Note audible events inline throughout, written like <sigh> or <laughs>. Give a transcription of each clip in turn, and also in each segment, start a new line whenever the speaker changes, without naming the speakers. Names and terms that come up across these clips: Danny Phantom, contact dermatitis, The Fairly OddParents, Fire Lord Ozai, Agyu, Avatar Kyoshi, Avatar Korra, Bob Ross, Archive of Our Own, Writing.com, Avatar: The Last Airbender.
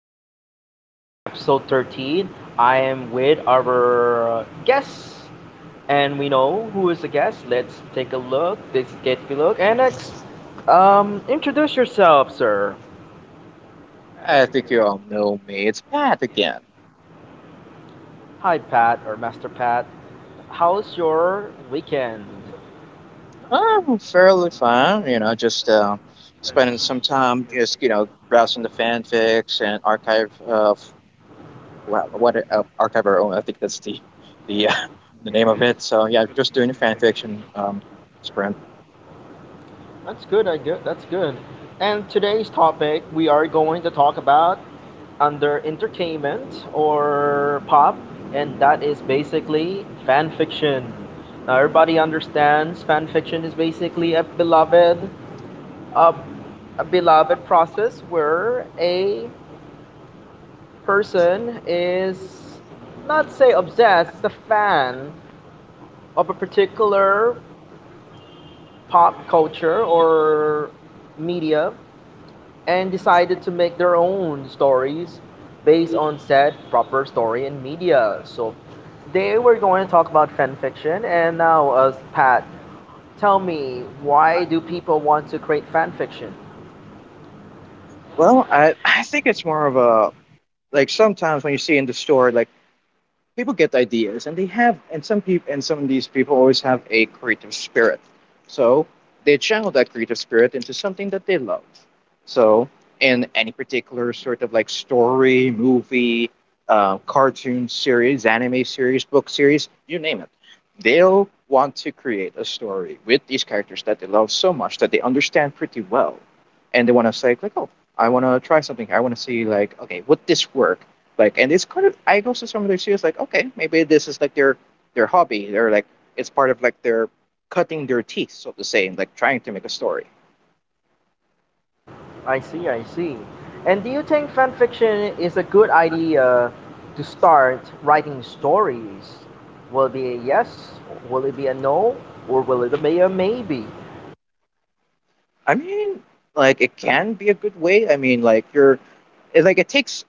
we're back for episode 13. I am with our guest, and we know who is the guest. Let's take a look. Let's get a look. And next, introduce yourself, sir.
I think you all know me. It's Pat again.
Hi, Pat or Master Pat. How's your weekend?
I'm fairly fine, you know, just spending some time, just, you know, browsing the fanfics and archive of what archive our own. I think that's the <laughs> the name of it. So yeah, just doing a fanfiction sprint.
That's good. I get That's good. And today's topic we are going to talk about under entertainment or pop, and that is basically fan fiction. Now everybody understands fan fiction is basically a beloved, a, a beloved process where a person is not say obsessed, it's a fan of a particular pop culture or media and decided to make their own stories based on said proper story and media. So today we're going to talk about fan fiction. And now, Pat, tell me, why do people want to create fan fiction?
Well, I think it's more of a, like, sometimes when you see in the store, like, people get ideas and they have and some people and some of these people always have a creative spirit, so they channel that creative spirit into something that they love. So in any particular sort of like story, movie, cartoon series, anime series, book series, you name it, they'll want to create a story with these characters that they love so much, that they understand pretty well, and they want to say like, oh, I want to try something here. I want to see like, okay, would this work? Like, and it's kind of, I go to some of their studios like, okay, maybe this is like their hobby. They're like, it's part of like their cutting their teeth, so to say, and like trying to make a story.
I see, I see. And do you think fan fiction is a good idea to start writing stories? Will it be a yes? Will it be a no? Or will it be a maybe?
I mean, like, it can be a good way. I mean, like, you're, it, like it takes,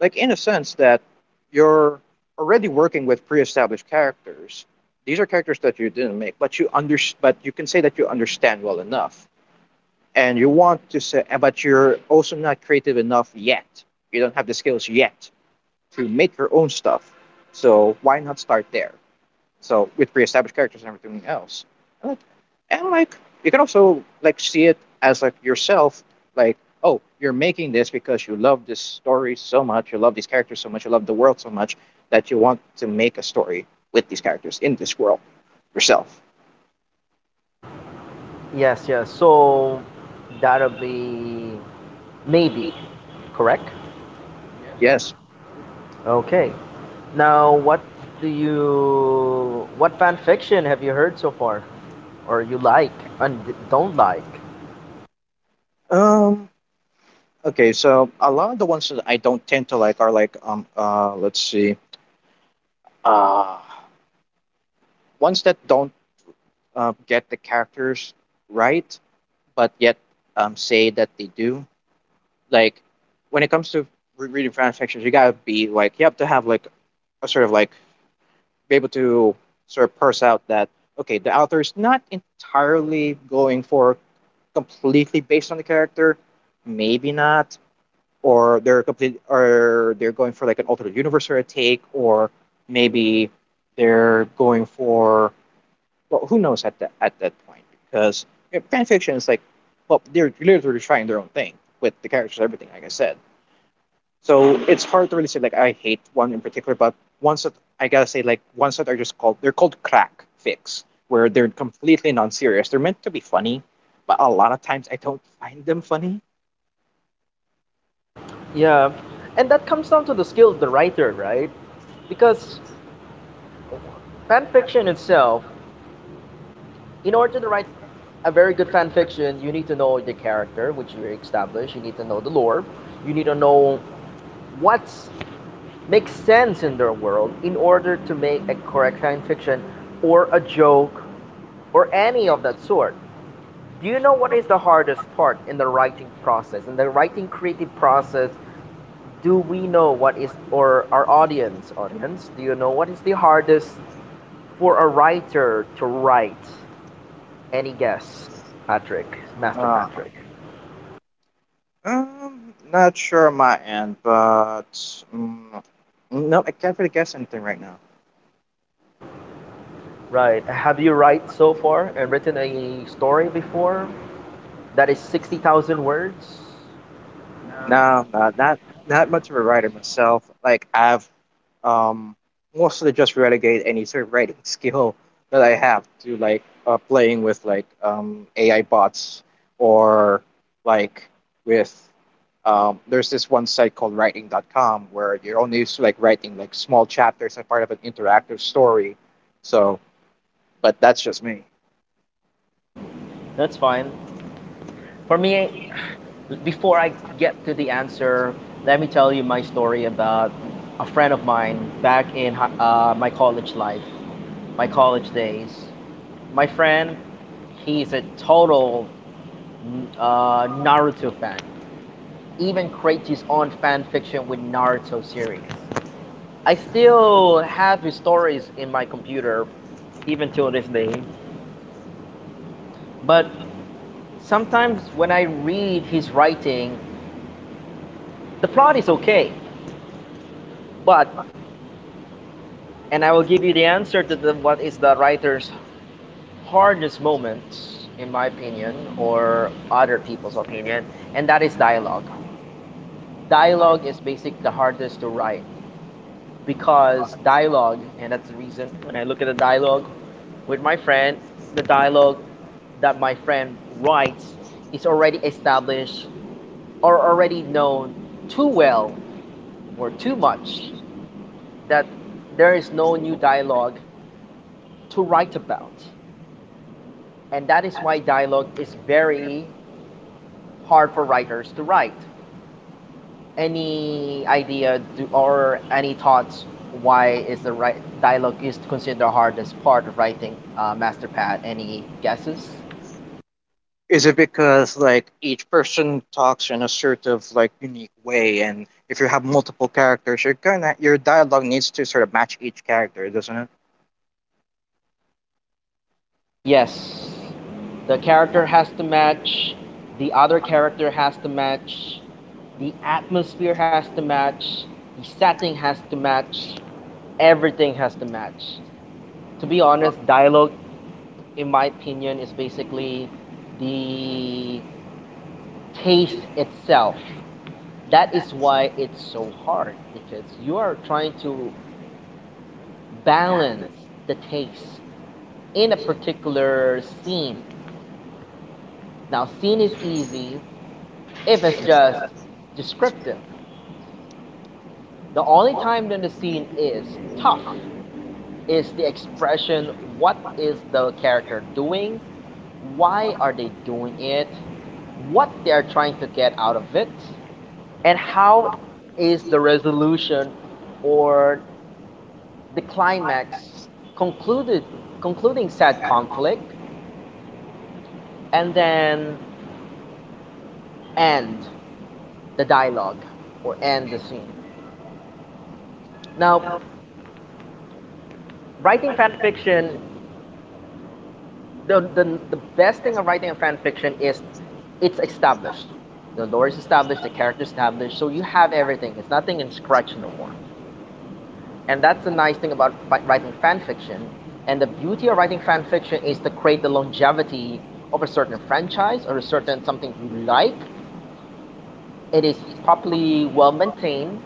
like, in a sense that you're already working with pre-established characters. These are characters that you didn't make, but you under, but you can say that you understand well enough, and you want to say, but you're also not creative enough yet. You don't have the skills yet to make your own stuff. So why not start there? So with pre-established characters and everything else, and like, and like you can also like see it as like yourself, like, oh, you're making this because you love this story so much, you love these characters so much, you love the world so much, that you want to make a story with these characters in this world yourself.
Yes, yes. So that'll be maybe, correct?
Yes.
Okay. Now, what what fan fiction have you heard so far, or you like and don't like?
Um. Okay. So a lot of the ones that I don't tend to like are like let's see, uh ones that don't get the characters right, but yet say that they do. Like, when it comes to reading fan fictions, you gotta be like, you have to have like a sort of like, be able to sort of parse out that, okay, the author is not entirely going for completely based on the character, maybe not, or they're complete or they're going for like an alternate universe or a take, or maybe they're going for, well, who knows at that point? Because, you know, fan fiction is like, well, they're literally trying their own thing with the characters, everything, like I said. So it's hard to really say like I hate one in particular, but ones that, I gotta say, like ones that are just called, they're called crack fix, where they're completely non-serious. They're meant to be funny, but a lot of times I don't find them funny.
Yeah, and that comes down to the skill of the writer, right? Because fan fiction itself, in order to write a very good fan fiction, you need to know the character which you establish, you need to know the lore, you need to know what's make sense in their world in order to make a correct science fiction or a joke or any of that sort. Do you know what is the hardest part in the writing process? In the writing creative process, do we know what is or our audience, do you know what is the hardest for a writer to write? Any guess, Patrick, Master
Uh,
Patrick?
um, not sure on my end, but um, no, I can't really guess anything right now.
Right. Have you write so far and written a story before that is 60,000 words?
No, I'm not much of a writer myself. Like, I've um mostly just relegate any sort of writing <laughs> skill that I have to like playing with like AI bots or like with there's this one site called Writing. Dot com where you're only used to like writing like small chapters as part of an interactive story. So, but that's just me.
That's fine. For me, before I get to the answer, let me tell you my story about a friend of mine back in my college life, my college days. My friend, he's a total Naruto fan. Even creates his own fan fiction with Naruto series. I still have his stories in my computer, even till this day. But sometimes when I read his writing, the plot is okay. But, and I will give you the answer to what is the writer's hardest moment, in my opinion, or other people's opinion, and that is dialogue. Dialogue is basically the hardest to write because dialogue, and that's the reason when I look at the dialogue with my friend, the dialogue that my friend writes is already established or already known too well or too much that there is no new dialogue to write about. And that is why dialogue is very hard for writers to write. Any idea or any thoughts why is the right dialogue is considered the hardest part of writing, Master Pat? Any guesses?
Is it because like each person talks in a sort of like unique way, and if you have multiple characters, you're gonna, your dialogue needs to sort of match each character, doesn't it?
Yes, the character has to match, the other character has to match, the atmosphere has to match, the setting has to match, everything has to match. To be honest, dialogue in my opinion, is basically the taste itself. That is why it's so hard because you are trying to balance the taste in a particular scene. Now, scene is easy if it's just descriptive. The only time when the scene is tough is the expression: what is the character doing, why are they doing it, what they are trying to get out of it, and how is the resolution or the climax concluded, concluding said conflict, and then end the dialogue or end the scene? Now, writing fan fiction, the, the, the best thing of writing a fan fiction is it's established. The lore is established, the character is established, so you have everything. It's nothing in scratch no more. And that's the nice thing about writing fan fiction. And the beauty of writing fan fiction is to create the longevity of a certain franchise or a certain something you like. It is properly well maintained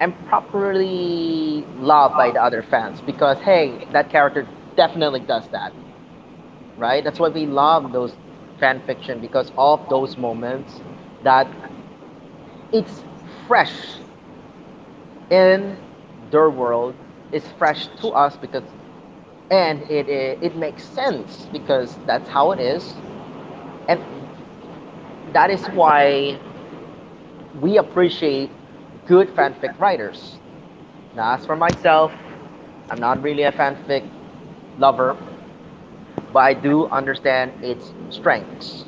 and properly loved by the other fans because hey, that character definitely does that, right? That's why we love those fan fiction because of those moments that it's fresh in their world, it's fresh to us because and it makes sense because that's how it is, and that is why we appreciate good fanfic writers. Now as for myself, I'm not really a fanfic lover, but I do understand its strengths,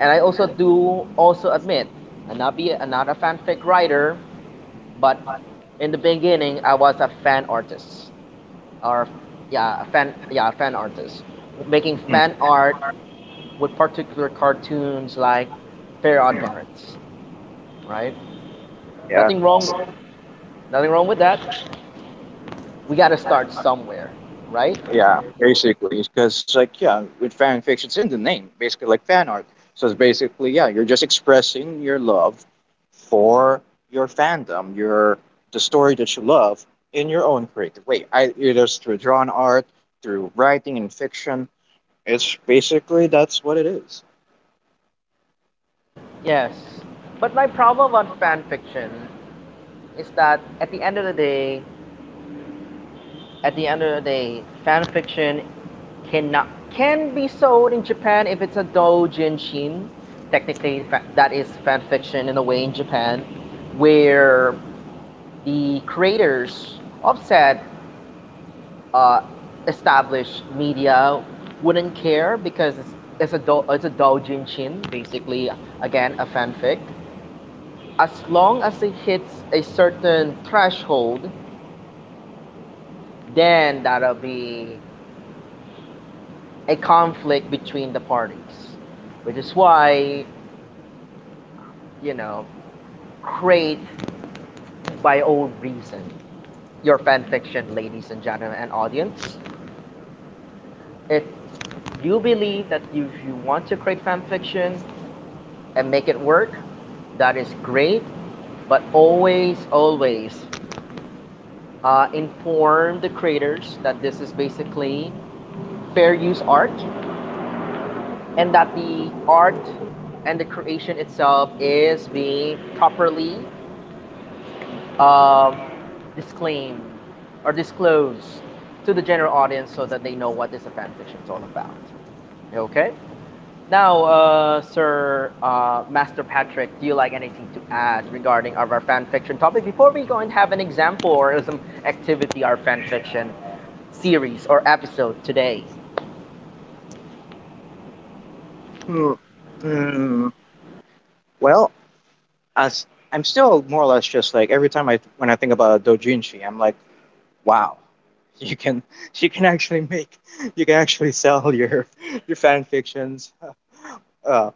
and I also do also admit I'm not a fanfic writer, but in the beginning I was a fan artist or yeah, a fan artist, making fan
Mhm.
art with particular cartoons like Fair Odd Parents, right?
Yeah,
Nothing wrong, nothing wrong with that. We got to start somewhere, right?
yeah, basically, because like, yeah, with fan fiction, it's in the name, basically, like fan art. So it's basically, yeah, you're just expressing your love for your fandom, your the story that you love, in your own creative way, I- either through drawn art, through writing and fiction. It's basically that's what it is.
Yes. But my problem on fan fiction is that at the end of the day, at the end of the day, fan fiction cannot can be sold in Japan if it's a doujinshi. Technically, that is fan fiction in a way in Japan, where the creators of said uh, established media wouldn't care because it's a it's a doujinshi, basically again a fanfic. As long as it hits a certain threshold, then that'll be a conflict between the parties, which is why, you know, create by own reason your fanfiction, ladies and gentlemen and audience. If you believe that you want to create fanfiction, and make it work, that is great. But always, always inform the creators that this is basically fair use art and that the art and the creation itself is being properly um, disclaimed or disclosed to the general audience so that they know what this fan fiction is all about. Okay? Now, Sir Master Patrick, do you like anything to add regarding of our fan fiction topic before we go and have an example or some activity our fan fiction series or episode today?
Hmm. Mm, well, as I'm still more or less just like every time I when I think about dojinshi, I'm like, wow, <laughs> you can, you can actually make, you can actually sell your fan fictions. Uh,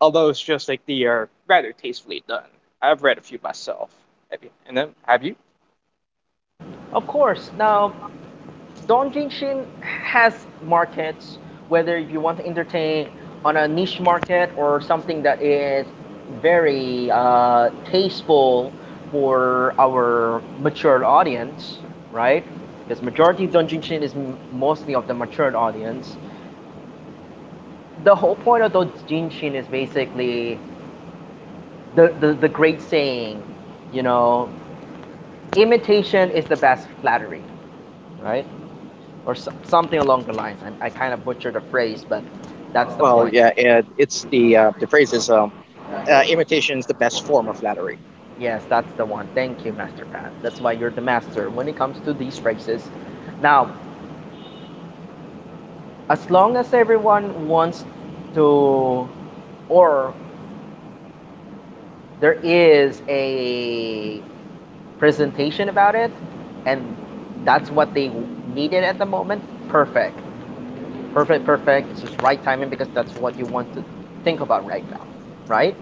although it's just like, they are rather tastefully done. I've read a few myself. Have you? And then have you?
Of course. Now, Dongjin has markets, whether if you want to entertain on a niche market or something that is very tasteful for our matured audience, right? Because majority of Donjin is mostly of the matured audience. The whole point of Donjin is basically the great saying, you know, imitation is the best flattery, right? Or so, something along the lines. I kind of butchered the phrase, but that's the
Well,
point.
yeah, it, it's the phrase is imitation is the best form of flattery.
Yes, that's the one. Thank you, Master Pat. That's why you're the master when it comes to these phrases. Now, as long as everyone wants to, or there is a presentation about it, and that's what they needed at the moment, perfect. Perfect, perfect. It's just right timing because that's what you want to think about right now, right?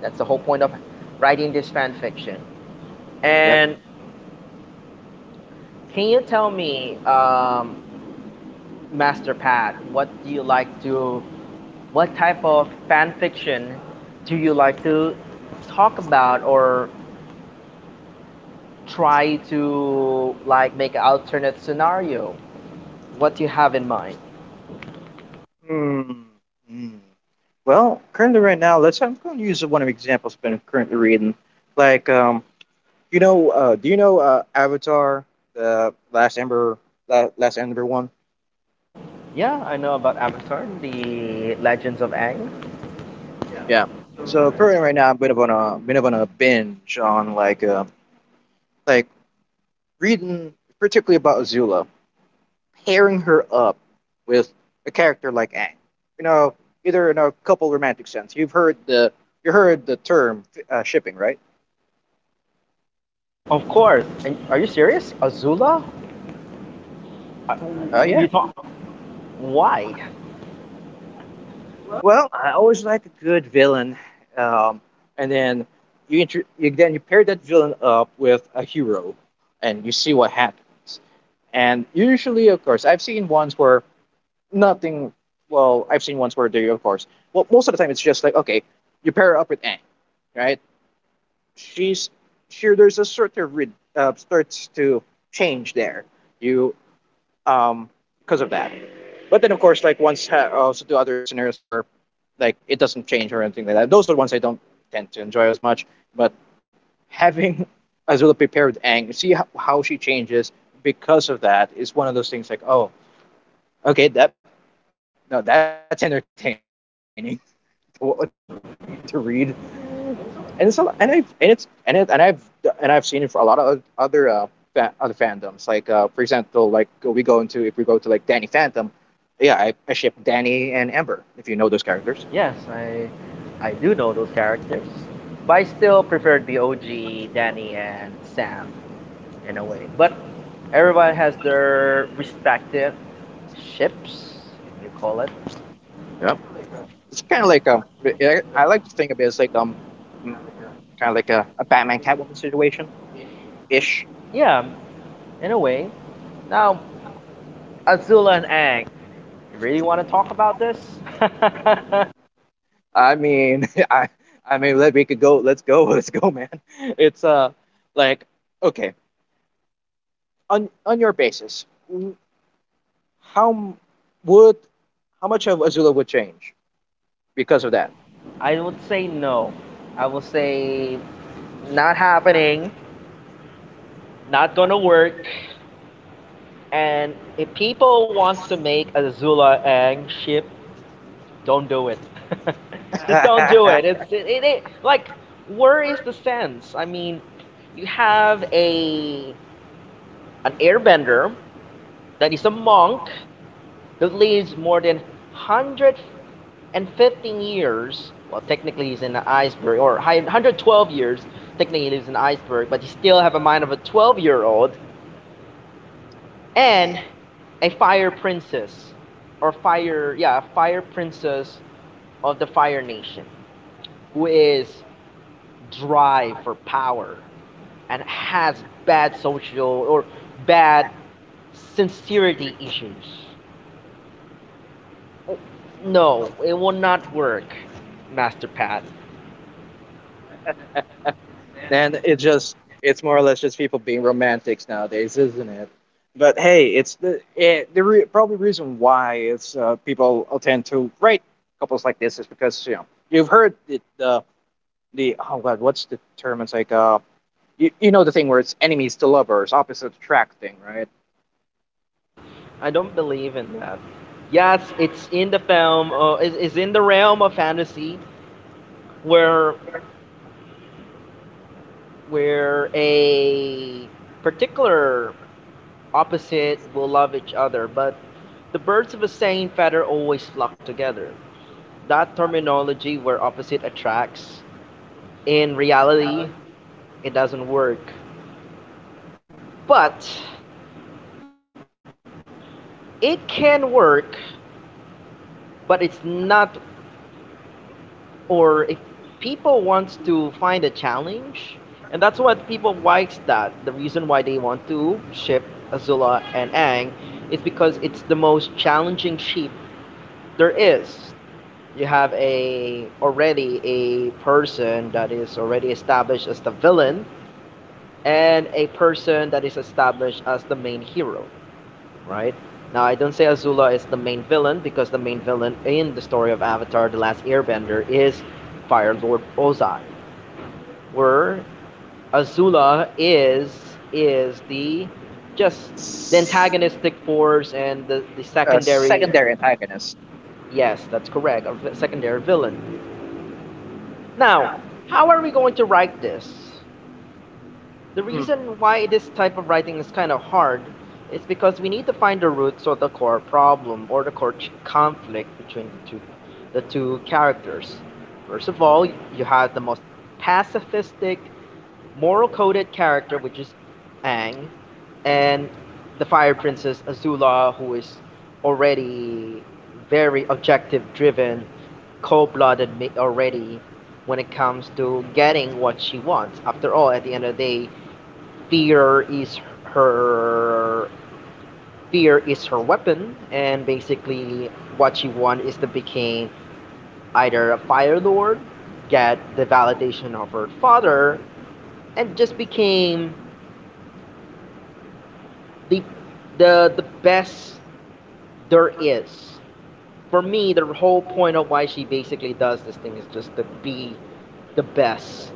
That's the whole point of writing this fan fiction.
Yep.
And can you tell me, Master Pat, what do you what type of fan fiction do you like to talk about or try to like make an alternate scenario? What do you have in mind?
Hmm. Mm. Well, currently right now, let's. I'm going to use one of the examples I've been currently reading. Like, you know, do you know Avatar, the Last Ember, Last Ember one?
Yeah, I know about Avatar, the Legends of Aang.
Yeah. So currently right now, I'm bit of on a binge on like reading particularly about Azula, pairing her up with a character like Aang. You know, either in a couple romantic sense. You've heard the, you heard the term shipping, right?
Of course. And are you serious? Azula? I,
Yeah.
you talk. Why?
Well, I always like a good villain, um, and then you then you pair that villain up with a hero, and you see what happens. And usually, of course, I've seen ones where nothing. Well, I've seen ones where they, of course, well, most of the time it's just like, okay, you pair her up with Aang, right? She's sure there's a sort of starts to change there. You um, because of that. But then, of course, like, once also do other scenarios where like it doesn't change or anything like that. Those are the ones I don't tend to enjoy as much. But having <laughs> Azula prepare with Aang, see how she changes because of that is one of those things like, oh, okay, that no, that's entertaining. <laughs> To read. And so and I've and it's and it, and I've seen it for a lot of other other fandoms. Like, for example, like we go into, if we go to like Danny Phantom, yeah, I ship Danny and Ember, if you know those characters.
Yes, I do know those characters, but I still preferred BOG, Danny, and Sam, in a way. But everyone has their respective ships, if you call it.
Yeah, it's kind of like I like to think of it as like mm, kind of like a Batman Catwoman situation ish.
Yeah, in a way. Now, Azula and Ang. You really want to talk about this? <laughs>
I mean, <laughs> I mean, let we could go. Let's go. <laughs> Let's go, man. It's like, okay, on your basis, how would, how much of Azula would change because of that?
I would say no. I will say not happening, not gonna work. And if people wants to make a Zula Ang ship, don't do it. <laughs> Just don't do it.
<laughs>
It's it like, where is the sense? I mean, you have a an airbender that is a monk that lives more than 115 years. Well, technically he's in an iceberg, or 112 years. Technically he lives in an iceberg, but he still have a mind of a 12-year old, and a fire princess or fire yeah, a fire princess of the fire nation who is dry for power and has bad social or bad sincerity issues. No, it will not work, Master Pat.
and it just, it's more or less just people being romantics nowadays, isn't it? But hey, it's the it, probably reason why it's people tend to write couples like this is because, you know, you've heard the, oh god, what's the term? It's like you, you know the thing where it's enemies to lovers, opposite attract thing, right?
I don't believe in that. Yes, it's in the film, it's in the realm of fantasy where a particular opposite will love each other, but the birds of the same feather always flock together. That terminology where opposite attracts, in reality, it doesn't work. But it can work, but it's not, or if people wants to find a challenge, and that's what people likes, that the reason why they want to ship Azula and Ang is because it's the most challenging ship there is. You have a already a person that is already established as the villain, and a person that is established as the main hero, right? Now, I don't say Azula is the main villain because the main villain in the story of Avatar The Last Airbender is Fire Lord Ozai, where Azula is the just the antagonistic force and the secondary
Secondary antagonist.
yes, that's correct, secondary villain. Now, how are we going to write this? The
Mm,
reason why this type of writing is kind of hard is because we need to find the roots of the core problem or the conflict between the two characters. First of all, you have the most pacifistic, moral coded character, which is Aang, and the Fire Princess Azula, who is already very objective driven, cold blooded already when it comes to getting what she wants. After all, at the end of the day, fear is her fear is her weapon, and basically what she want is to become either a fire lord, get the validation of her father, and just became the the best there is. For me the whole point of why she basically does this thing is just to be the best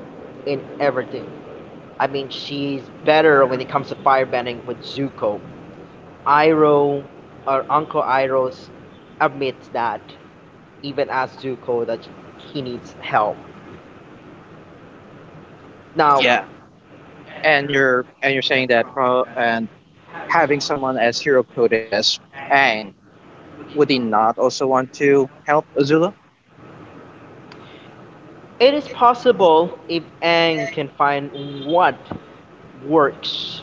in everything. I mean, she's better when it comes to firebending with Zuko. Iroh or Uncle Iroh admits that even as Zuko, that he needs help. Now,
yeah, and you're saying that pro, and having someone as hero coded as Aang, would he not also want to help Azula?
it is possible if Aang can find what works,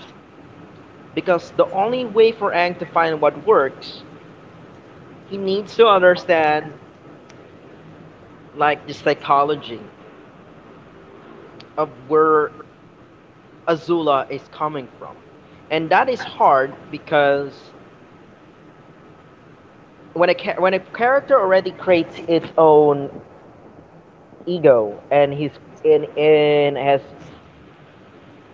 because the only way for Aang to find what works, he needs to understand like the psychology of where Azula is coming from. And that is hard because when a when a character already creates its own ego and he's in and has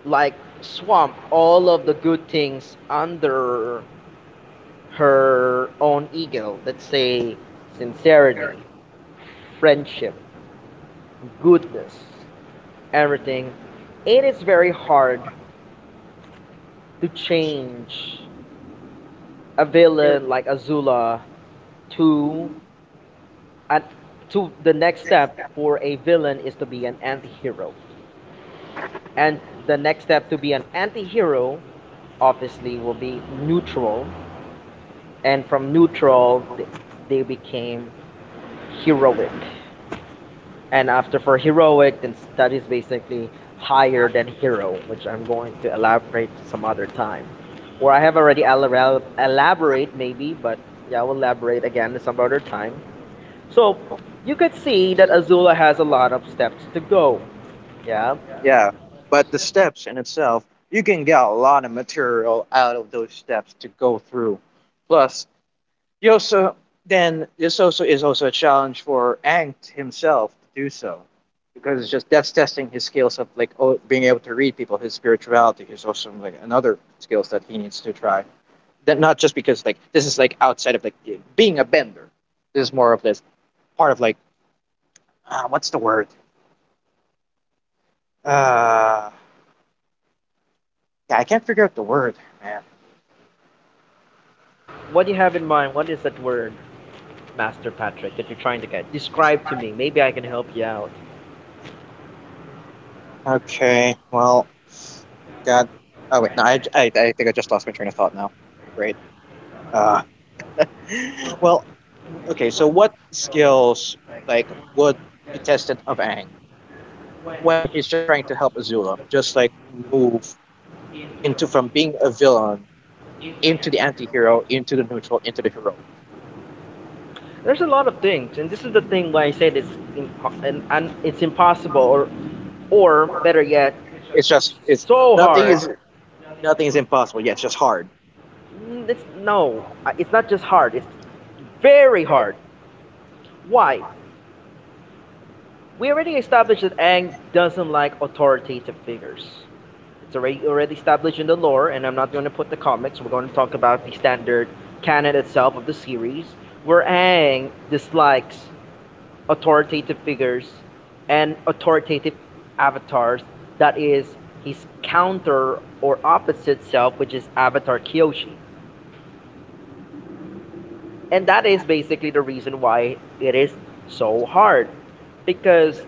like swamped all of the good things under her own ego, let's say sincerity, friendship, goodness, everything, it is very hard to change a villain like Azula to an, to the next step. For a villain is to be an anti-hero, and the next step to be an anti-hero obviously will be neutral, and from neutral they became heroic, and after for heroic then that is basically higher than hero, which I'm going to elaborate some other time. Or I have already elaborate maybe, but yeah, I will elaborate again some other time. So you could see that Azula has a lot of steps to go, yeah.
Yeah, but the steps in itself, you can get a lot of material out of those steps to go through. Plus, you also, then this also is also a challenge for Aang himself to do so, because it's just that's testing his skills of like, oh, being able to read people. His spirituality is also like another skills that he needs to try. That not just because like this is like outside of like being a bender. This is more of this part of like, what's the word? Uh, yeah, I can't figure out the word, man.
What do you have in mind, what is that word, Master Patrick, that you're trying to get? Describe to me. Maybe I can help you out.
Okay, well, God. Oh wait, no, I think I just lost my train of thought now. Great. Uh, well, okay. So what skills like would be tested of Aang when he's just trying to help Azula, just like move into, from being a villain into the anti-hero, into the neutral, into the heroic.
There's a lot of things, and this is the thing why I say this, and it's impossible, or better yet,
It's just it's
so
nothing is,
hard.
nothing is impossible. Yeah, it's just hard.
Mm, it's no, it's not just hard. It's very hard. Why? We already established that Ang doesn't like authoritative figures. It's already established in the lore, and I'm not going to put the comics. We're going to talk about the standard canon itself of the series, where Aang dislikes authoritative figures and authoritative avatars. That is his counter or opposite self, which is Avatar Kyoshi. And that is basically the reason why it is so hard, because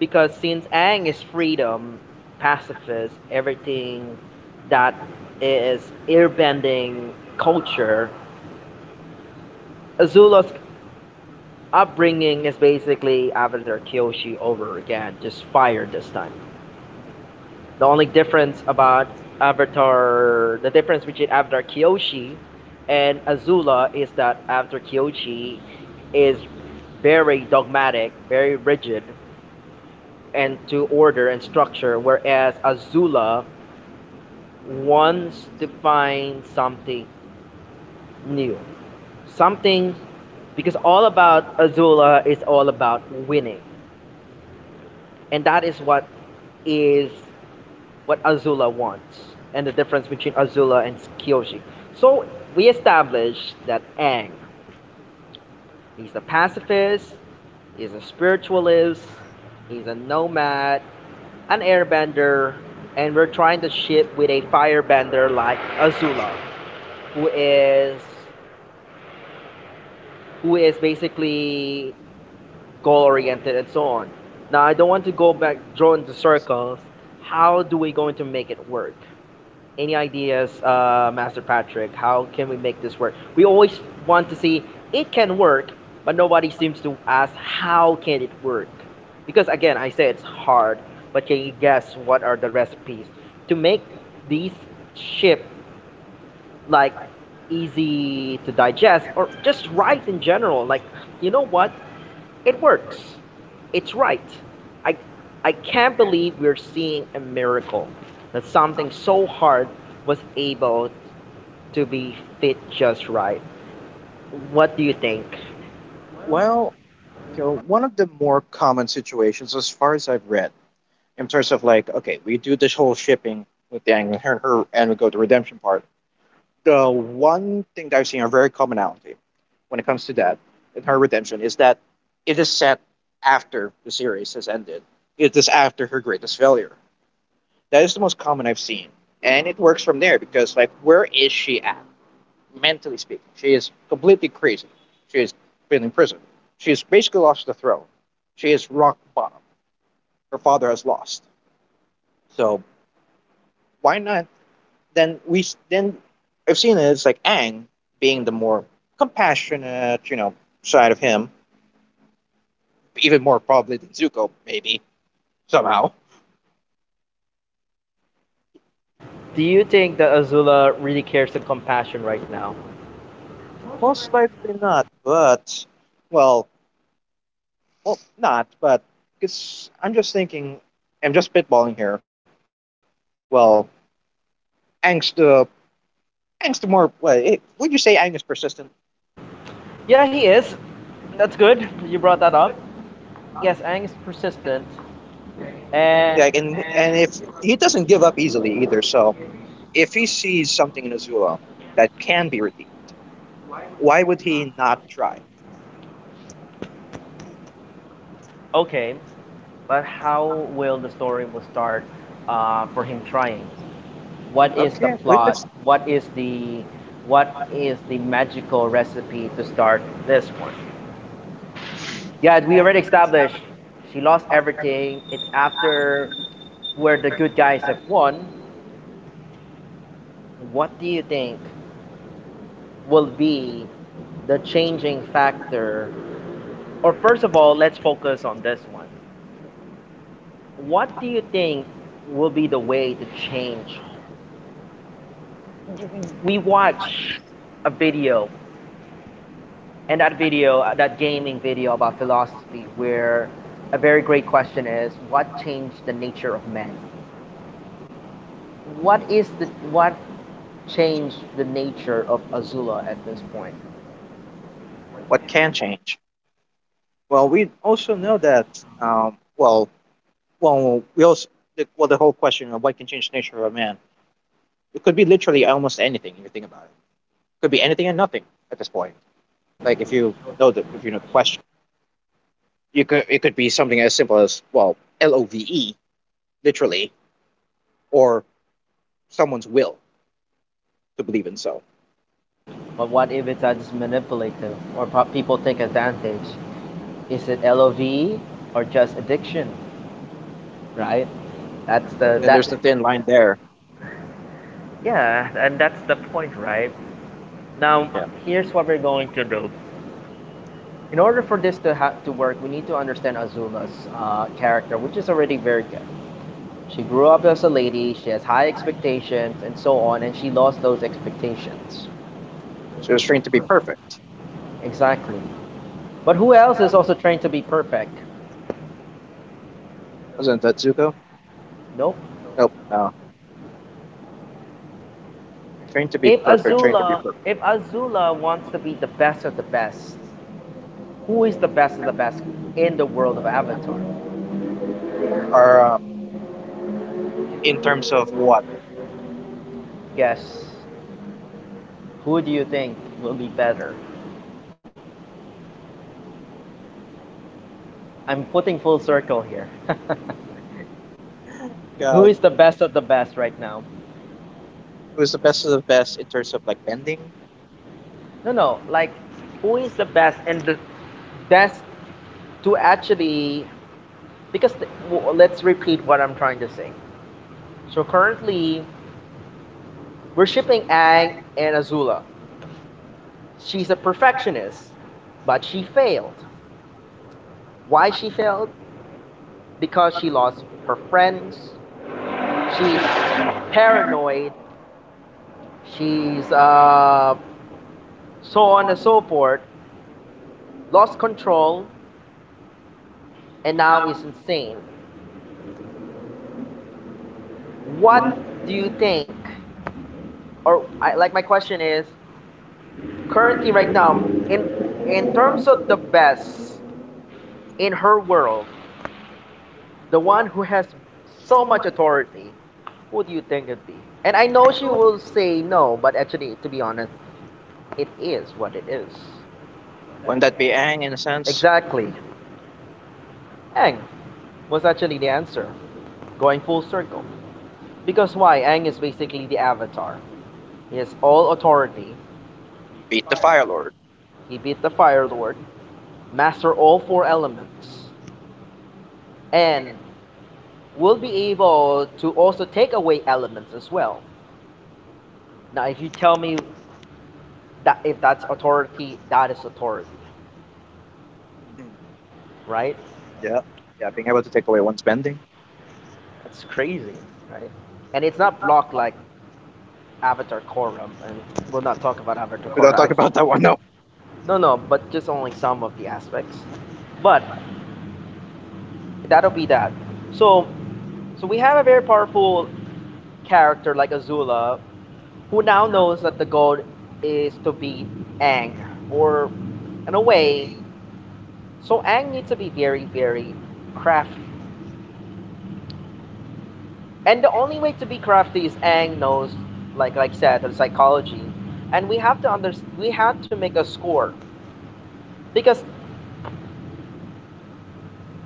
since Ang is freedom, pacifist, everything that is airbending culture, Azula's upbringing is basically Avatar Kyoshi over again, just fire this time. The only difference about Avatar, the difference between Avatar Kyoshi and Azula is that Avatar Kyoshi is very dogmatic, very rigid, and to order and structure, whereas Azula wants to find something new. Something, because all about Azula is all about winning. And that is is what Azula wants. And the difference between Azula and Kyoshi. So we established that Aang, he's a pacifist, he's a spiritualist, he's a nomad, an airbender, and we're trying to ship with a firebender like Azula, who is who is basically goal oriented and so on. Now I don't want to go back drawn into circles. How do we going to make it work? Any ideas, Master Patrick? How can we make this work? We always want to see it can work, but nobody seems to ask how can it work. Because again, I say it's hard, but can you guess what are the recipes to make these ship like easy to digest or just right in general? Like, you know what? It works. It's right. I, I can't believe we're seeing a miracle that something so hard was able to be fit just right. What do you think?
Well, okay, well, one of the more common situations, as far as I've read, in terms of like, okay, we do this whole shipping with the angler and her, and we go to redemption part. The one thing that I've seen a very commonality when it comes to that in her redemption is that it is set after the series has ended. It is after her greatest failure. That is the most common I've seen, and it works from there because, like, where is she at? Mentally speaking, she is completely crazy. She has been in prison. She has basically lost the throne. She is rock bottom. Her father has lost. So why not? Then we then I've seen it. It's like Aang being the more compassionate, you know, side of him, even more probably than Zuko, maybe somehow.
Do you think that Azula really cares and compassion right now?
Most likely not, but well, well, not, but because I'm just thinking, I'm just spitballing here. Well, Aang's the Ang's the more. Well, it, would you say Ang is persistent?
Yeah, he is. That's good. You brought that up. Yes, Aang is persistent. Eh,
Like, and if he doesn't give up easily either, so if he sees something in Azula that can be redeemed, why would he not try?
okay, but how will the story will start, for him trying? What is the
Okay, wait,
plot,
that's
what is the, what is the magical recipe to start this one? Yeah, we already established she lost everything, it's after where the good guys have won. What do you think will be the changing factor, or first of all let's focus on this one, what do you think will be the way to change? We watch a video, and that video, that gaming video about philosophy, where a very great question is, what changed the nature of man? What is the what changed the nature of Azula at this point?
what can change. Well, we also know that. Well, well, we also Well the whole question of what can change the nature of a man. It could be literally almost anything if you think about it. It could be anything and nothing at this point. Like if you know the question, you could it could be something as simple as well, LOVE literally, or someone's will to believe in so.
But what if it's as manipulative or people take advantage? Is it LOV or just addiction? Right? That's the
Then
that
there's the thin line there.
Yeah, and that's the point, right? Now
Yeah.
here's what we're going to do. In order for this to to work, we need to understand Azula's character, which is already very good. She grew up as a lady. She has high expectations and so on, and she lost those expectations.
She was trained to be perfect.
Exactly. But who else is also trained to be perfect?
Wasn't that Zuko?
Nope.
Nope. No. Trained to be
If
perfect. Trained to be
Azula,
perfect.
if Azula wants to be the best of the best, who is the best of the best in the world of Avatar?
Or in terms of what?
Guess. Who do you think will be better? I'm putting full circle here. <laughs> Who
Uh,
is the best of the best right now?
Who's the best of the best in terms of like bending?
No, no. Like, who is the best and the best to actually? Because let's repeat what I'm trying to say. So currently, we're shipping Ang and Azula. She's a perfectionist, but she failed. Why she failed? Because she lost her friends. She's paranoid. She's so on and so forth. Lost control, and now is insane. What do you think, or like my question is currently right now in terms of the best in her world, the one who has so much authority, who do you think it'd be? And I know she will say no, but actually, to be honest, it is what it is.
Wouldn't that be Aang in a sense?
Exactly. Ang was actually the answer, going full circle, because why, Ang is basically the avatar, he has all authority,
Beat the Fire Lord.
he beat the fire lord, master all four elements, and we will be able to also take away elements as well. Now, if you tell me that if that's authority, that is authority,
Hmm.
right?
Yeah. Yeah. Being able to take away one's bending.
That's crazy, right? And it's not blocked like Avatar Korra, and we'll not talk about Avatar
We don't talk
Korra.
about that one. No.
No, no, but just only some of the aspects. But that'll be that. So, so we have a very powerful character like Azula who now knows that the goal is to beat Ang, or in a way, so Ang needs to be very, very crafty. And the only way to be crafty is Ang knows, like said, the psychology, and we have to under we had to make a score, because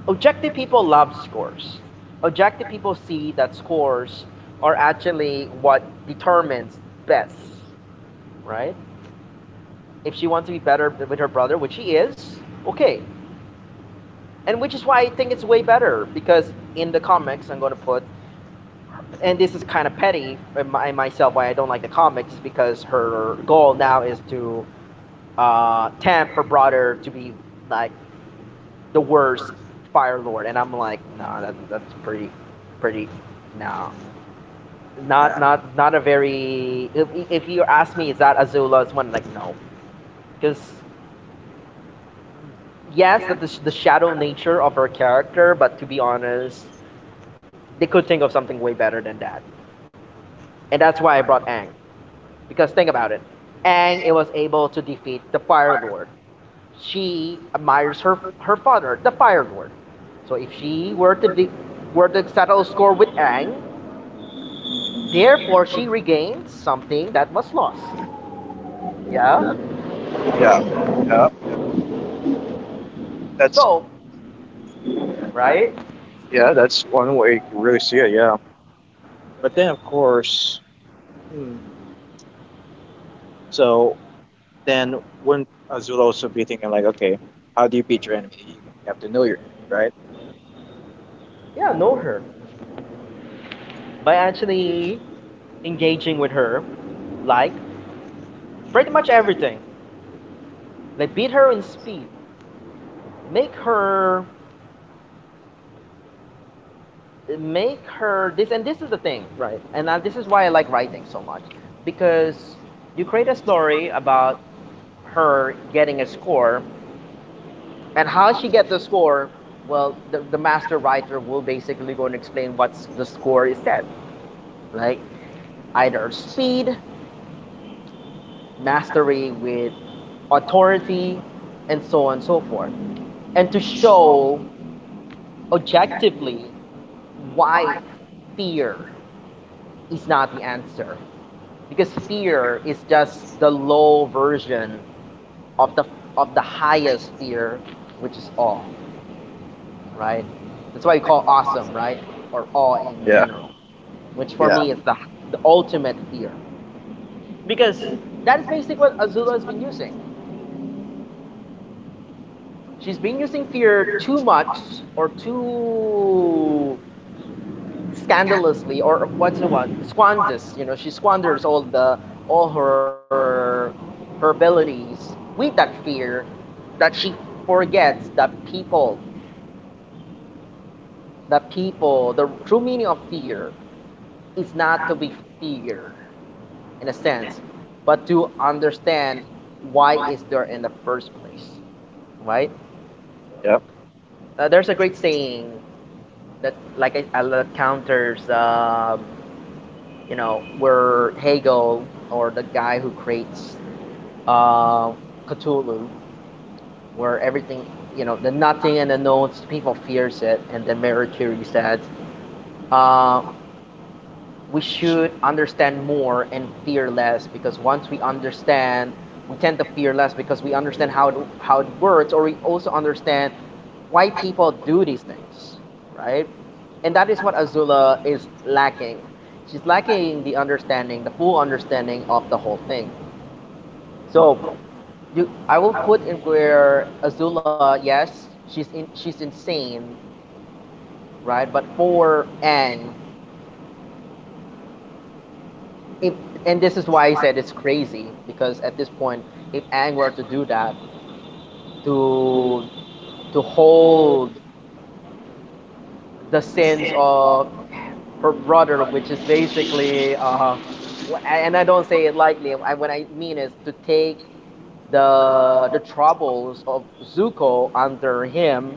objective people love scores. Objective people see that scores are actually what determines best, right? If she wants to be better with her brother, which she is, okay, and which is why I think it's way better, because in the comics, I'm going to put, and this is kind of petty in myself why I don't like the comics, is because her goal now is to tempt her brother to be like the worst Fire Lord, and I'm like, nah, that's pretty, pretty, nah.
Yeah.
Not a very. If you ask me, is that Azula's one? Like, no, because yes, that is the shadow nature of her character, but to be honest, they could think of something way better than that. And that's why I brought Aang. Because think about it. Aang it was able to defeat the Fire Lord. She admires her father, the Fire Lord. So if she were to settle score with Aang, therefore she regains something that was lost. Yeah?
Yeah. Yeah. Yeah. That's
So, right?
yeah. That's one way you can really see it. Yeah. But then of course. Hmm. So then wouldn't Azul also be thinking like, okay, how do you beat your enemy? You have to know your enemy, right?
Yeah, know her. By actually engaging with her, like pretty much everything. Like beat her in speed, make her make her this, and this is the thing. Right. And this is why I like writing so much because you create a story about her getting a score and how she get the score. Well, the master writer will basically go and explain what the score is said, like either speed, mastery with authority and so on and so forth, and to show objectively why fear is not the answer, because fear is just the low version of the highest fear, which is awe, right? That's why you call awesome, right? Or awe in
Yeah.
general, which for
Yeah.
me is the ultimate fear, because that is basically what Azula has been using. She's been using fear too much or too scandalously, or what's the one, squanders, she squanders all the all her her abilities with that fear, that she forgets that people, that people, the true meaning of fear is not to be feared in a sense, but to understand why is there in the first place, right?
Yeah.
There's a great saying that, like I counters, where Hegel or the guy who creates uh, Cthulhu, where everything, the nothing and the knowns, people fears it. And then Mary Curie said, uh, we should understand more and fear less, because once we understand, we tend to fear less, because we understand how how it works, or we also understand why people do these things, right? And that is what Azula is lacking. She's lacking the understanding, the full understanding of the whole thing. So, you, I will put in where Azula, yes, she's insane, right? But for Ang, if, and this is why I said it's crazy, because at this point, if Ang were to do that, to to hold the sins of her brother, which is basically, and I don't say it lightly. What I mean is to take the troubles of Zuko under him,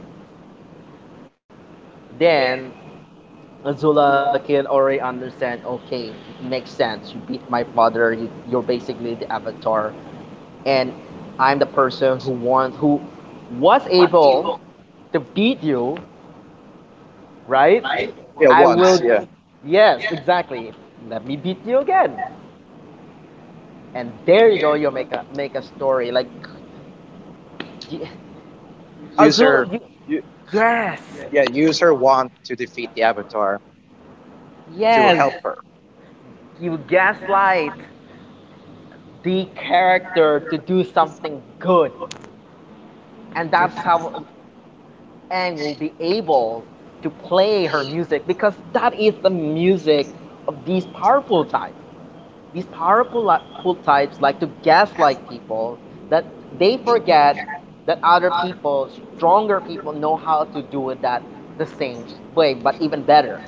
then Azula can already understand. Okay, it makes sense. You beat my father. You're basically the avatar, and I'm the person who was able to beat you, right?
Yeah.
I
Once.
will,
Yeah.
yes, exactly. Let me beat you again. And there you go, you'll make a story. Like d-
Use her,
Azul you,
you,
yes.
yeah, use her wand to defeat the avatar to
Yes.
help her.
You gaslight the character to do something good. And that's how Ang will be able to play her music, because that is the music of these powerful types. These powerful types like to gaslight people, that they forget that other people, stronger people, know how to do it that the same way, but even better.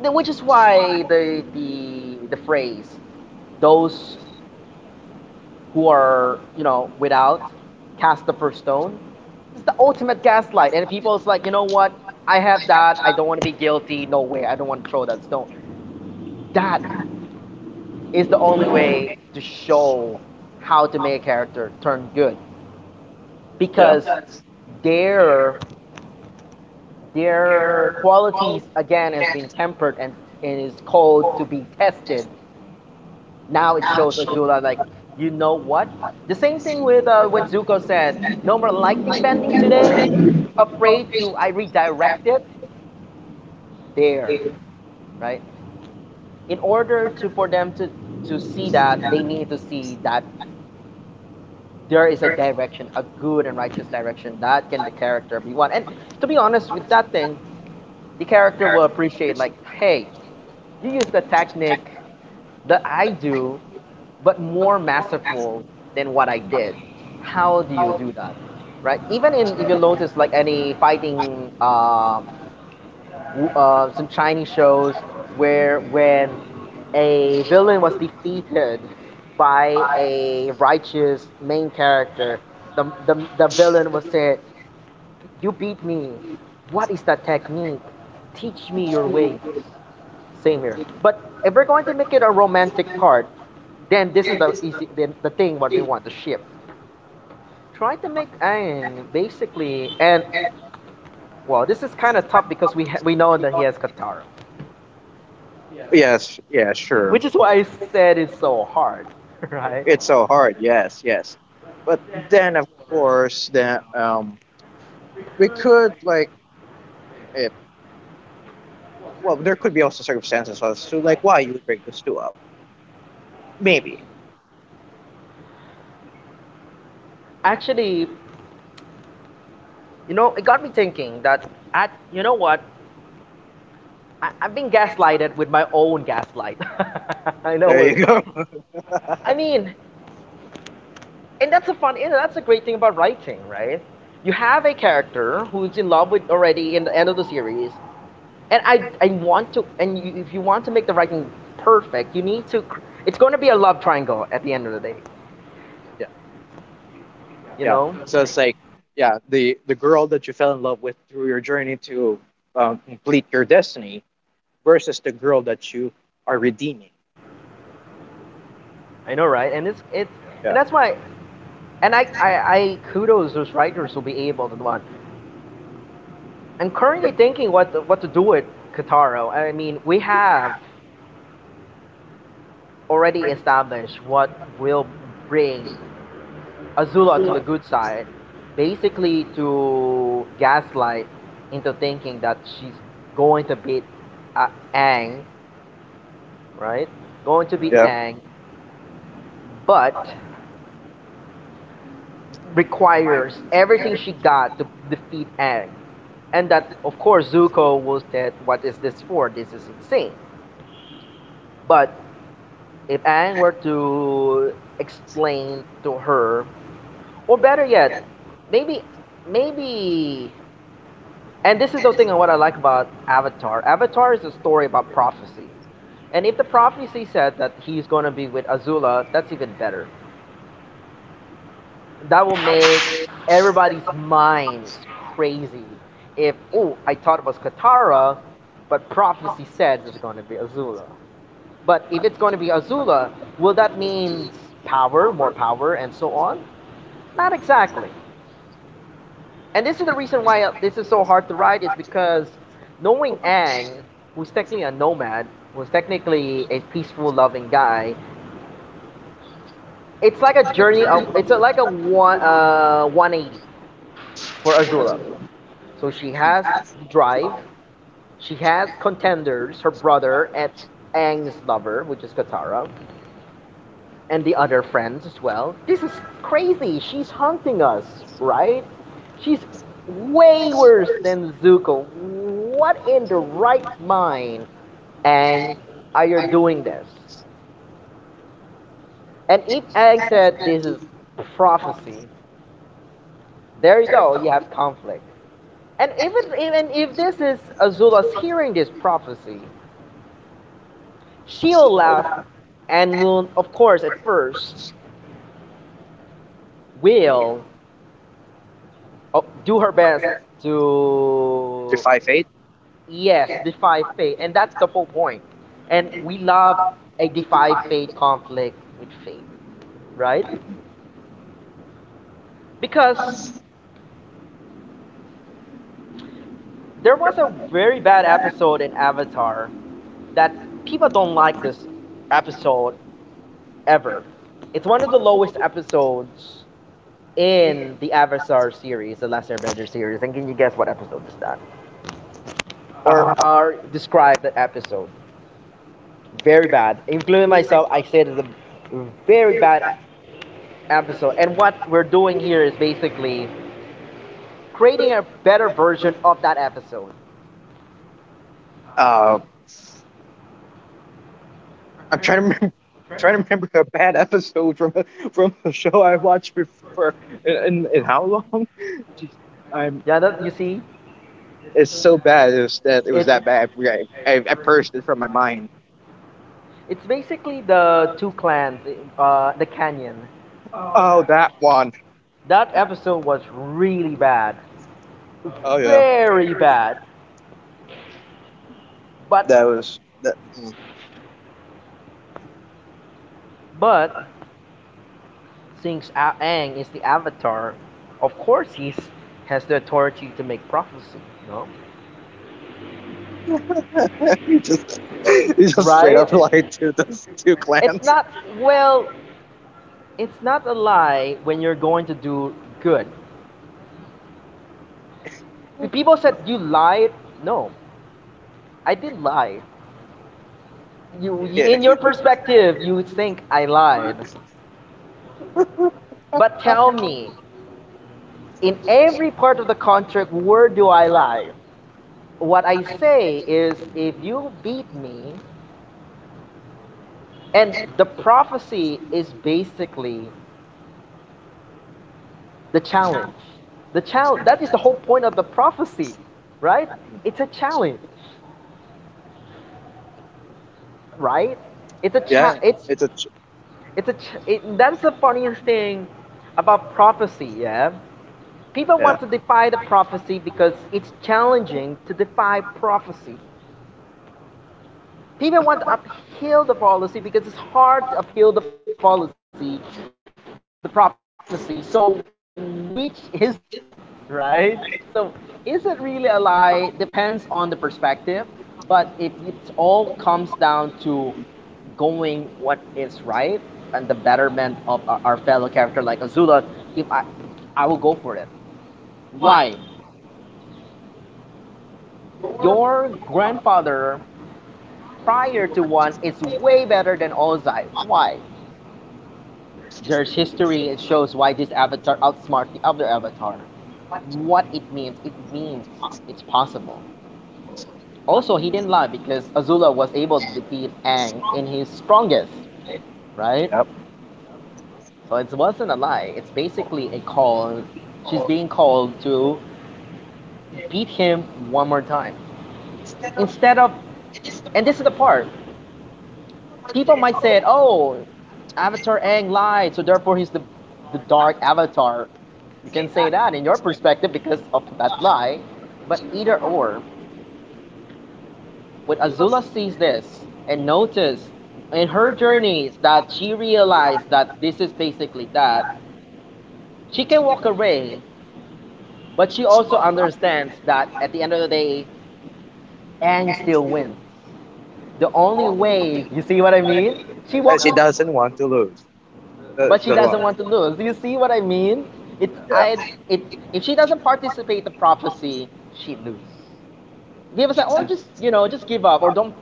Which is why the phrase, those who are, without, cast the first stone, it's the ultimate gaslight, and people's like, you know what, I have that, I don't want to be guilty, no way, I don't want to throw that stone. That is the only way to show how to make a character turn good,
Yeah.
because their their qualities again has been tempered, and is called to be tested. Now it shows Azula like, you know what? The same thing with when Zuko said, no more lightning bending today. Afraid to, I redirect it there, right? In order to for them to see that, they need to see that there is a direction, a good and righteous direction that can the character be one. And to be honest with that thing, the character will appreciate like, hey, you use the technique that I do, but more masterful than what I did. How do you do that, right? Even in, if you notice like any fighting, some Chinese shows where when a villain was defeated by a righteous main character, the villain was said, "You beat me. What is that technique? Teach me your ways." Same here. But if we're going to make it a romantic part, then this is the thing what we want, the ship. Try to make Aang basically, and well, this is kind of tough because we know that he has Katara,
Yes, yeah, sure.
which is why I said it's so hard, <laughs> right?
It's
So
so
hard.
hard. Yes, yes. But then, of course, then we could like, eh, well, there could be also circumstances as to like why you would break this two up. Maybe.
Actually, you know, it got me thinking that at, you know what, I've been gaslighted with my own gaslight. <laughs> I know
There
it.
you go.
I mean, and that's a fun, and that's a great thing about writing, right? You have a character who's in love with already in the end of the series, and I want to, and you, if you want to make the writing perfect, you need to it's going to be a love triangle at the end of the day,
Yeah.
you
Yeah,
know.
so it's like, yeah, the girl that you fell in love with through your journey to complete your destiny versus the girl that you are redeeming.
I know, right? And it's, and
Yeah.
that's why, and i i, I kudos those writers who be able to do one. I'm currently
Yeah.
thinking what to do with Katara. I mean, we have already established what will bring Azula to the good side, basically to gaslight into thinking that she's going to beat uh, Aang, right? Going to beat
Yeah.
Aang, but requires everything she got to defeat Aang. And that, of course, Zuko will say, what is this for? This is insane. But if Aang were to explain to her, or better yet, maybe maybe and this is the thing and what I like about Avatar. Avatar is a story about prophecy. And if the prophecy said that he's going to be with Azula, that's even better. That will make everybody's minds crazy. If, oh, I thought it was Katara, but prophecy says it's going to be Azula. But if it's going to be Azula, will that mean power, more power, and so on? Not exactly. And this is the reason why, this is so hard to write, is because knowing Ang, who's technically a nomad, who's technically a peaceful, loving guy, it's like a journey of like a one, 180 for Azula. So she has drive, she has contenders, her brother and Ang's lover, which is Katara, and the other friends as well. This is crazy. She's hunting us, right? She's way worse than Zuko. What in the right mind, Ang, are you doing this? And if Ang said this is prophecy, there you go. You have conflict. And even if this is Azula's hearing this prophecy, she'll laugh and will, of course, at first, will, oh, do her best
The
to,
5-8.
yes, defy fate. And that's the whole point. And we love a defy fate, conflict with fate, right? Because there was a very bad episode in Avatar that people don't like this episode ever. It's one of the lowest episodes in the Avatar series, the Last Airbender series. And can you guess what episode is that,
uh,
or describe that episode? Very bad. Including myself, I say it is a very bad episode. And what we're doing here is basically creating a better version of that episode.
uh, I'm trying to remember, I'm trying to remember a bad episode from from a show I watched before in, in how long. <laughs> Jeez, I'm
Yeah, that, you see,
it's so bad it was that, it was that bad. I purged it from my mind.
it's basically the two clans, the canyon.
Oh that one.
That episode was really bad,
Oh yeah,
very bad. But
that was that. Mm.
but since Aang is the avatar, of course he has the authority to make prophecy, you know?
He just, he just straight
Right?
up lied to those two
It's
clans.
not, well, it's not a lie when you're going to do good. The people said you lied. No, I didn't lie. You,
Yeah.
in your perspective, you think I lied. But tell me, in every part of the contract, where do I lie? What I say is, if you beat me, and the prophecy is basically the challenge. The challenge that is the whole point of the prophecy, right? It's a challenge, right? It's a cha-
Yeah, it's a ch-
it's a ch- It, that's the funniest thing about prophecy, yeah? People
yeah.
want to defy the prophecy because it's challenging to defy prophecy. People want to upheal the policy because it's hard to upheal the policy, the prophecy. So which is it, right? So, is it really a lie? Depends on the perspective, but if it all comes down to going what is right and the betterment of our fellow character like Azula. If I, I will go for it. Why? Your grandfather prior to one is way better than Ozai. Why? There's history. It shows why this avatar outsmart the other avatar. What it means it's possible. Also, he didn't lie because Azula was able to defeat Aang in his strongest, right?
Yep.
So it wasn't a lie. It's basically a call. She's being called to beat him one more time. Instead of, and this is the part people might say, "Oh, Avatar Aang lied, so therefore he's the dark Avatar." You can say that in your perspective because of that lie, but either or, when Azula sees this and notices in her journeys that she realized that this is basically that, she can walk away, but she also understands that at the end of the day, Aang still wins. The only way, you see what I mean? She
And she
walks.
doesn't want to lose.
But
She
she
doesn't
doesn't
want.
want to lose. Do you see what I mean? It,
Yeah.
I, it, if she doesn't participate in the prophecy, she lose. Give us a, or just, you know, just give up or don't.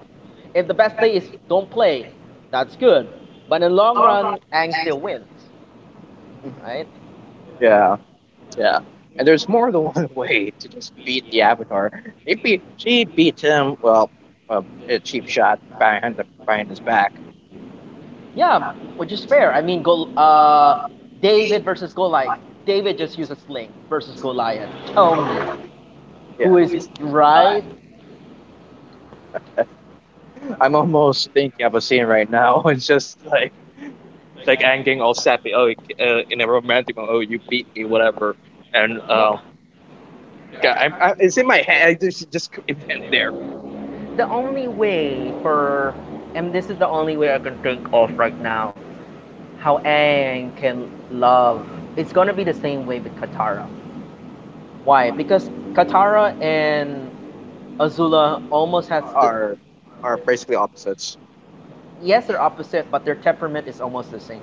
If the best play is don't play, that's good. But in the long run, Ang still wins, right?
Yeah. Yeah. And there's more than one <laughs> way to just beat the Avatar. He beat, she beat him, well, a cheap shot behind, behind his back.
Yeah, which is fair. I mean, go, David versus Goliath. David just used a sling versus Goliath. Tell me,
Yeah.
who is right?
I'm almost thinking of a scene right now. <laughs> It's just like ending all sappy. Oh, in a romantic one, oh, you beat me, whatever. And
No.
yeah, I'm, it's in my head. I just <laughs> could there
The only way for, and this is the only way I can think of right now, how Aang can love, it's gonna be the same way with Katara. Why? Because Katara and Azula almost has the,
are are basically opposites.
yes, they're opposite, but their temperament is almost the same.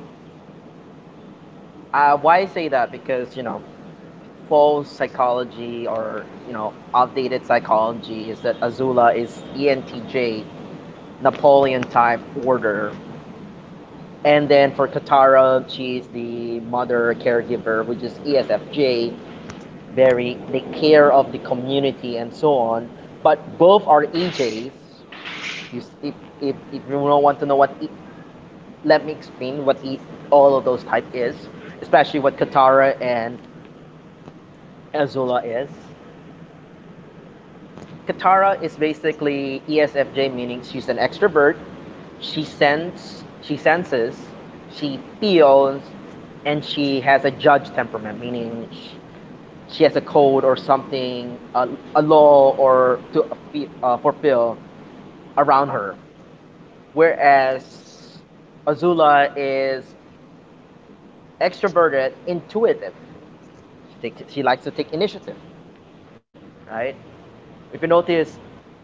Why I say that? Because, false psychology or, outdated psychology is that Azula is ENTJ, Napoleon type order. And then for Katara, she's the mother caregiver, which is ESFJ. Very, they care of the community and so on. But both are EJs. You if you don't want to know what, let me explain what e, all of those type is, especially what Katara and Azula is. Katara is basically ESFJ, meaning she's an extrovert. She senses, she feels, and she has a judge temperament, meaning she, has a code or something, a law or to fulfill around her. Whereas Azula is extroverted, intuitive. She likes to take initiative, right? If you notice,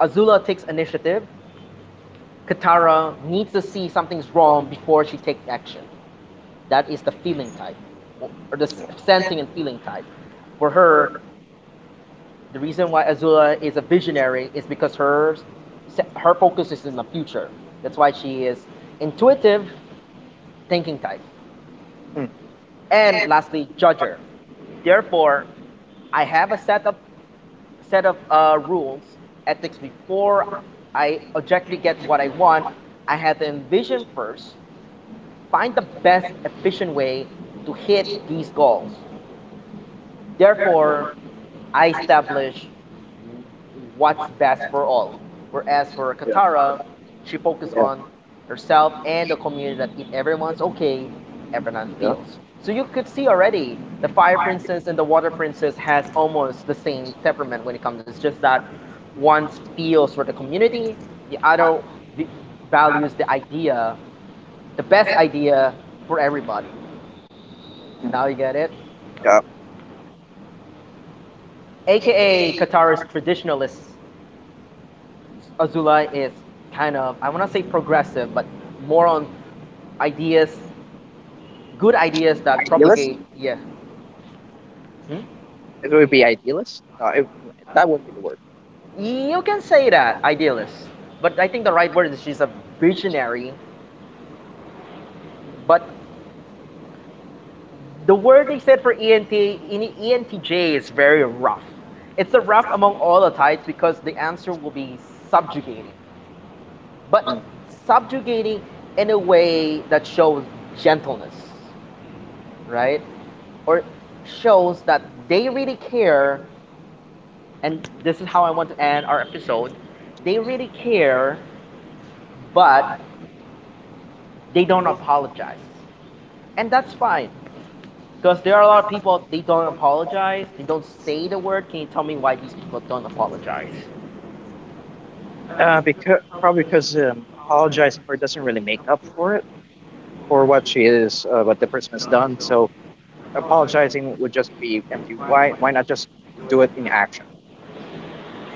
Azula takes initiative. Katara needs to see something's wrong before she takes action. That is the feeling type, or- the sensing and feeling type. For her, the reason why Azula is a visionary is because her focus is in the future. That's why she is intuitive, thinking type.
Hmm.
And lastly, judger. Therefore, I have a set of rules, ethics before I objectively get what I want. I have to envision first, find the best efficient way to hit these goals. Therefore, I establish what's best for all. Whereas for
Yeah.
Katara, she focused
Yeah.
on herself and the community, that if everyone's okay, everyone
Yeah.
feels. So you could see already the Fire Princess and the Water Princess has almost the same temperament when it comes. It's just that one feels for the community, the other values the idea, the best idea for everybody. Now you get it?
Yeah.
AKA Qatar's traditionalist, Azula is kind of, I wanna say progressive, but more on ideas, good ideas that
Idealist.
propagate, yeah. Hmm?
It would be idealist. No, it, that wouldn't be the word.
You can say that, idealist. But I think the right word is she's a visionary. But the word they said for ENTJ is very rough. It's a rough among all the types because the answer will be subjugating, but subjugating in a way that shows gentleness, right? Or shows that they really care, and this is how I want to end our episode. They really care, but they don't apologize. And that's fine, because there are a lot of people, they don't apologize, they don't say the word. Can you tell me why these people don't apologize?
Because probably because apologizing for it doesn't really make up for it, for what she is, what the person has done. So apologizing would just be empty. Why not just do it in action?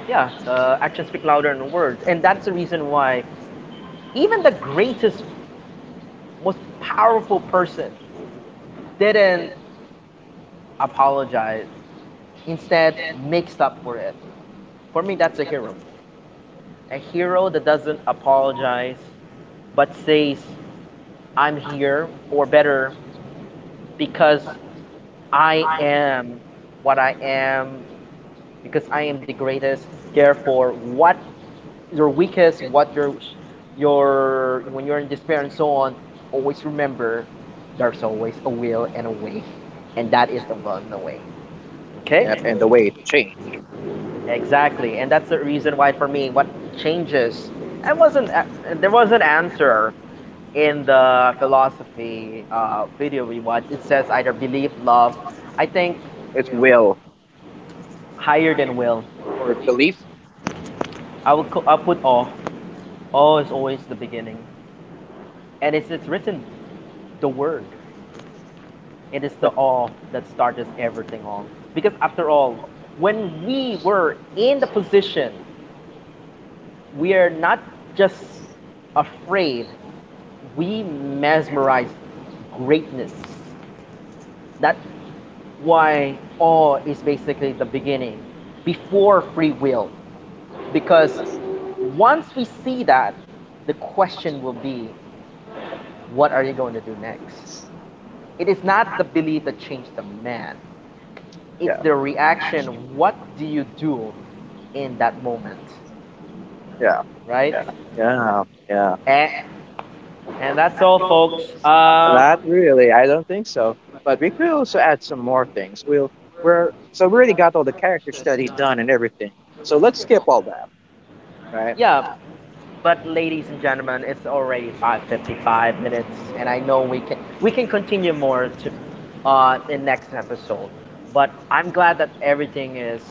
Yeah, actions speak louder than words. And that's the reason why even the greatest, most powerful person didn't apologize, instead makes up for it. For me, that's a hero. A hero that doesn't apologize, but says, I'm here, or better, because I am what I am, because I am the greatest. Therefore, what your weakest, when you're in despair and so on, always remember there's always a will and a way, and that is the Vulcan way. Okay,
And the way to change?
exactly, and that's the reason why for me, what changes, I wasn't there was an answer in the philosophy video we watched. It says either belief, love. I think
It's will
higher than will.
or belief.
I'll put awe. Awe is always the beginning, and it's written the word. It is the awe that started everything on. Because after all, when we were in the position, we are not just afraid, we mesmerize greatness. That's why awe is basically the beginning, before free will. Because once we see that, the question will be, what are you going to do next? It is not the belief that changed the man, it's
Yeah,
the reaction. What do you do in that moment,
yeah,
right?
yeah, yeah, yeah.
And, and that's all, folks.
Not really. I don't think so. But we could also add some more things. We'll we're so We already got all the character study done and everything. So let's skip all that, right?
Yeah, but ladies and gentlemen, it's already 5:55 minutes, and I know we can continue more to in next episode. But I'm glad that everything is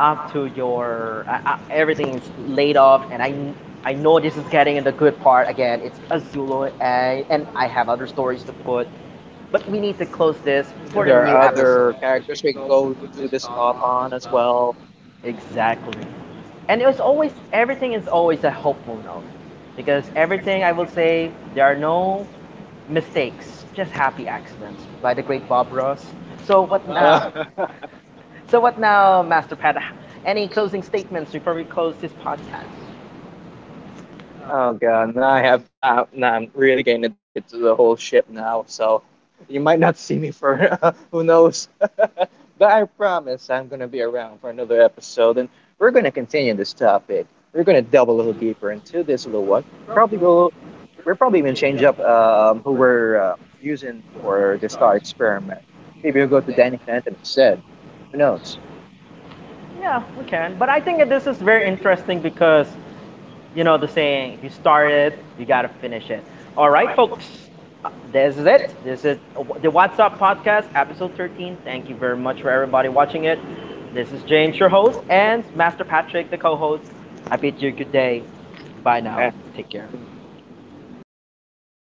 up to your everything is laid off, and I know this is getting in the good part again. It's Azulu, and I have other stories to put, but we need to close this for
And
the
there
new
are
episode.
other characters we can go do this thought on as well.
Exactly, and it was always, everything is always a hopeful note, because everything, I will say there are no mistakes, just happy accidents by the great Bob Ross. So what now?
<laughs>
So what now, Master Pat? Any closing statements before we close this podcast?
Oh god, now I have, now I'm really getting addicted to the whole ship now. So you might not see me for <laughs> who knows, but I promise I'm gonna be around for another episode, and we're gonna continue this topic. We're gonna delve a little deeper into this little one. Probably we're probably gonna change up who we're using for this thought experiment. Maybe we'll go to Danny Phantom instead. Who knows?
Yeah, we can. But I think that this is very interesting because you know the saying, if you start it, you got to finish it. All right, folks. This is it. This is the What's Up podcast, episode 13. Thank you very much for everybody watching it. This is James, your host, and Master Patrick, the co host. I bid you good day. Bye now. Take care.
Mhm.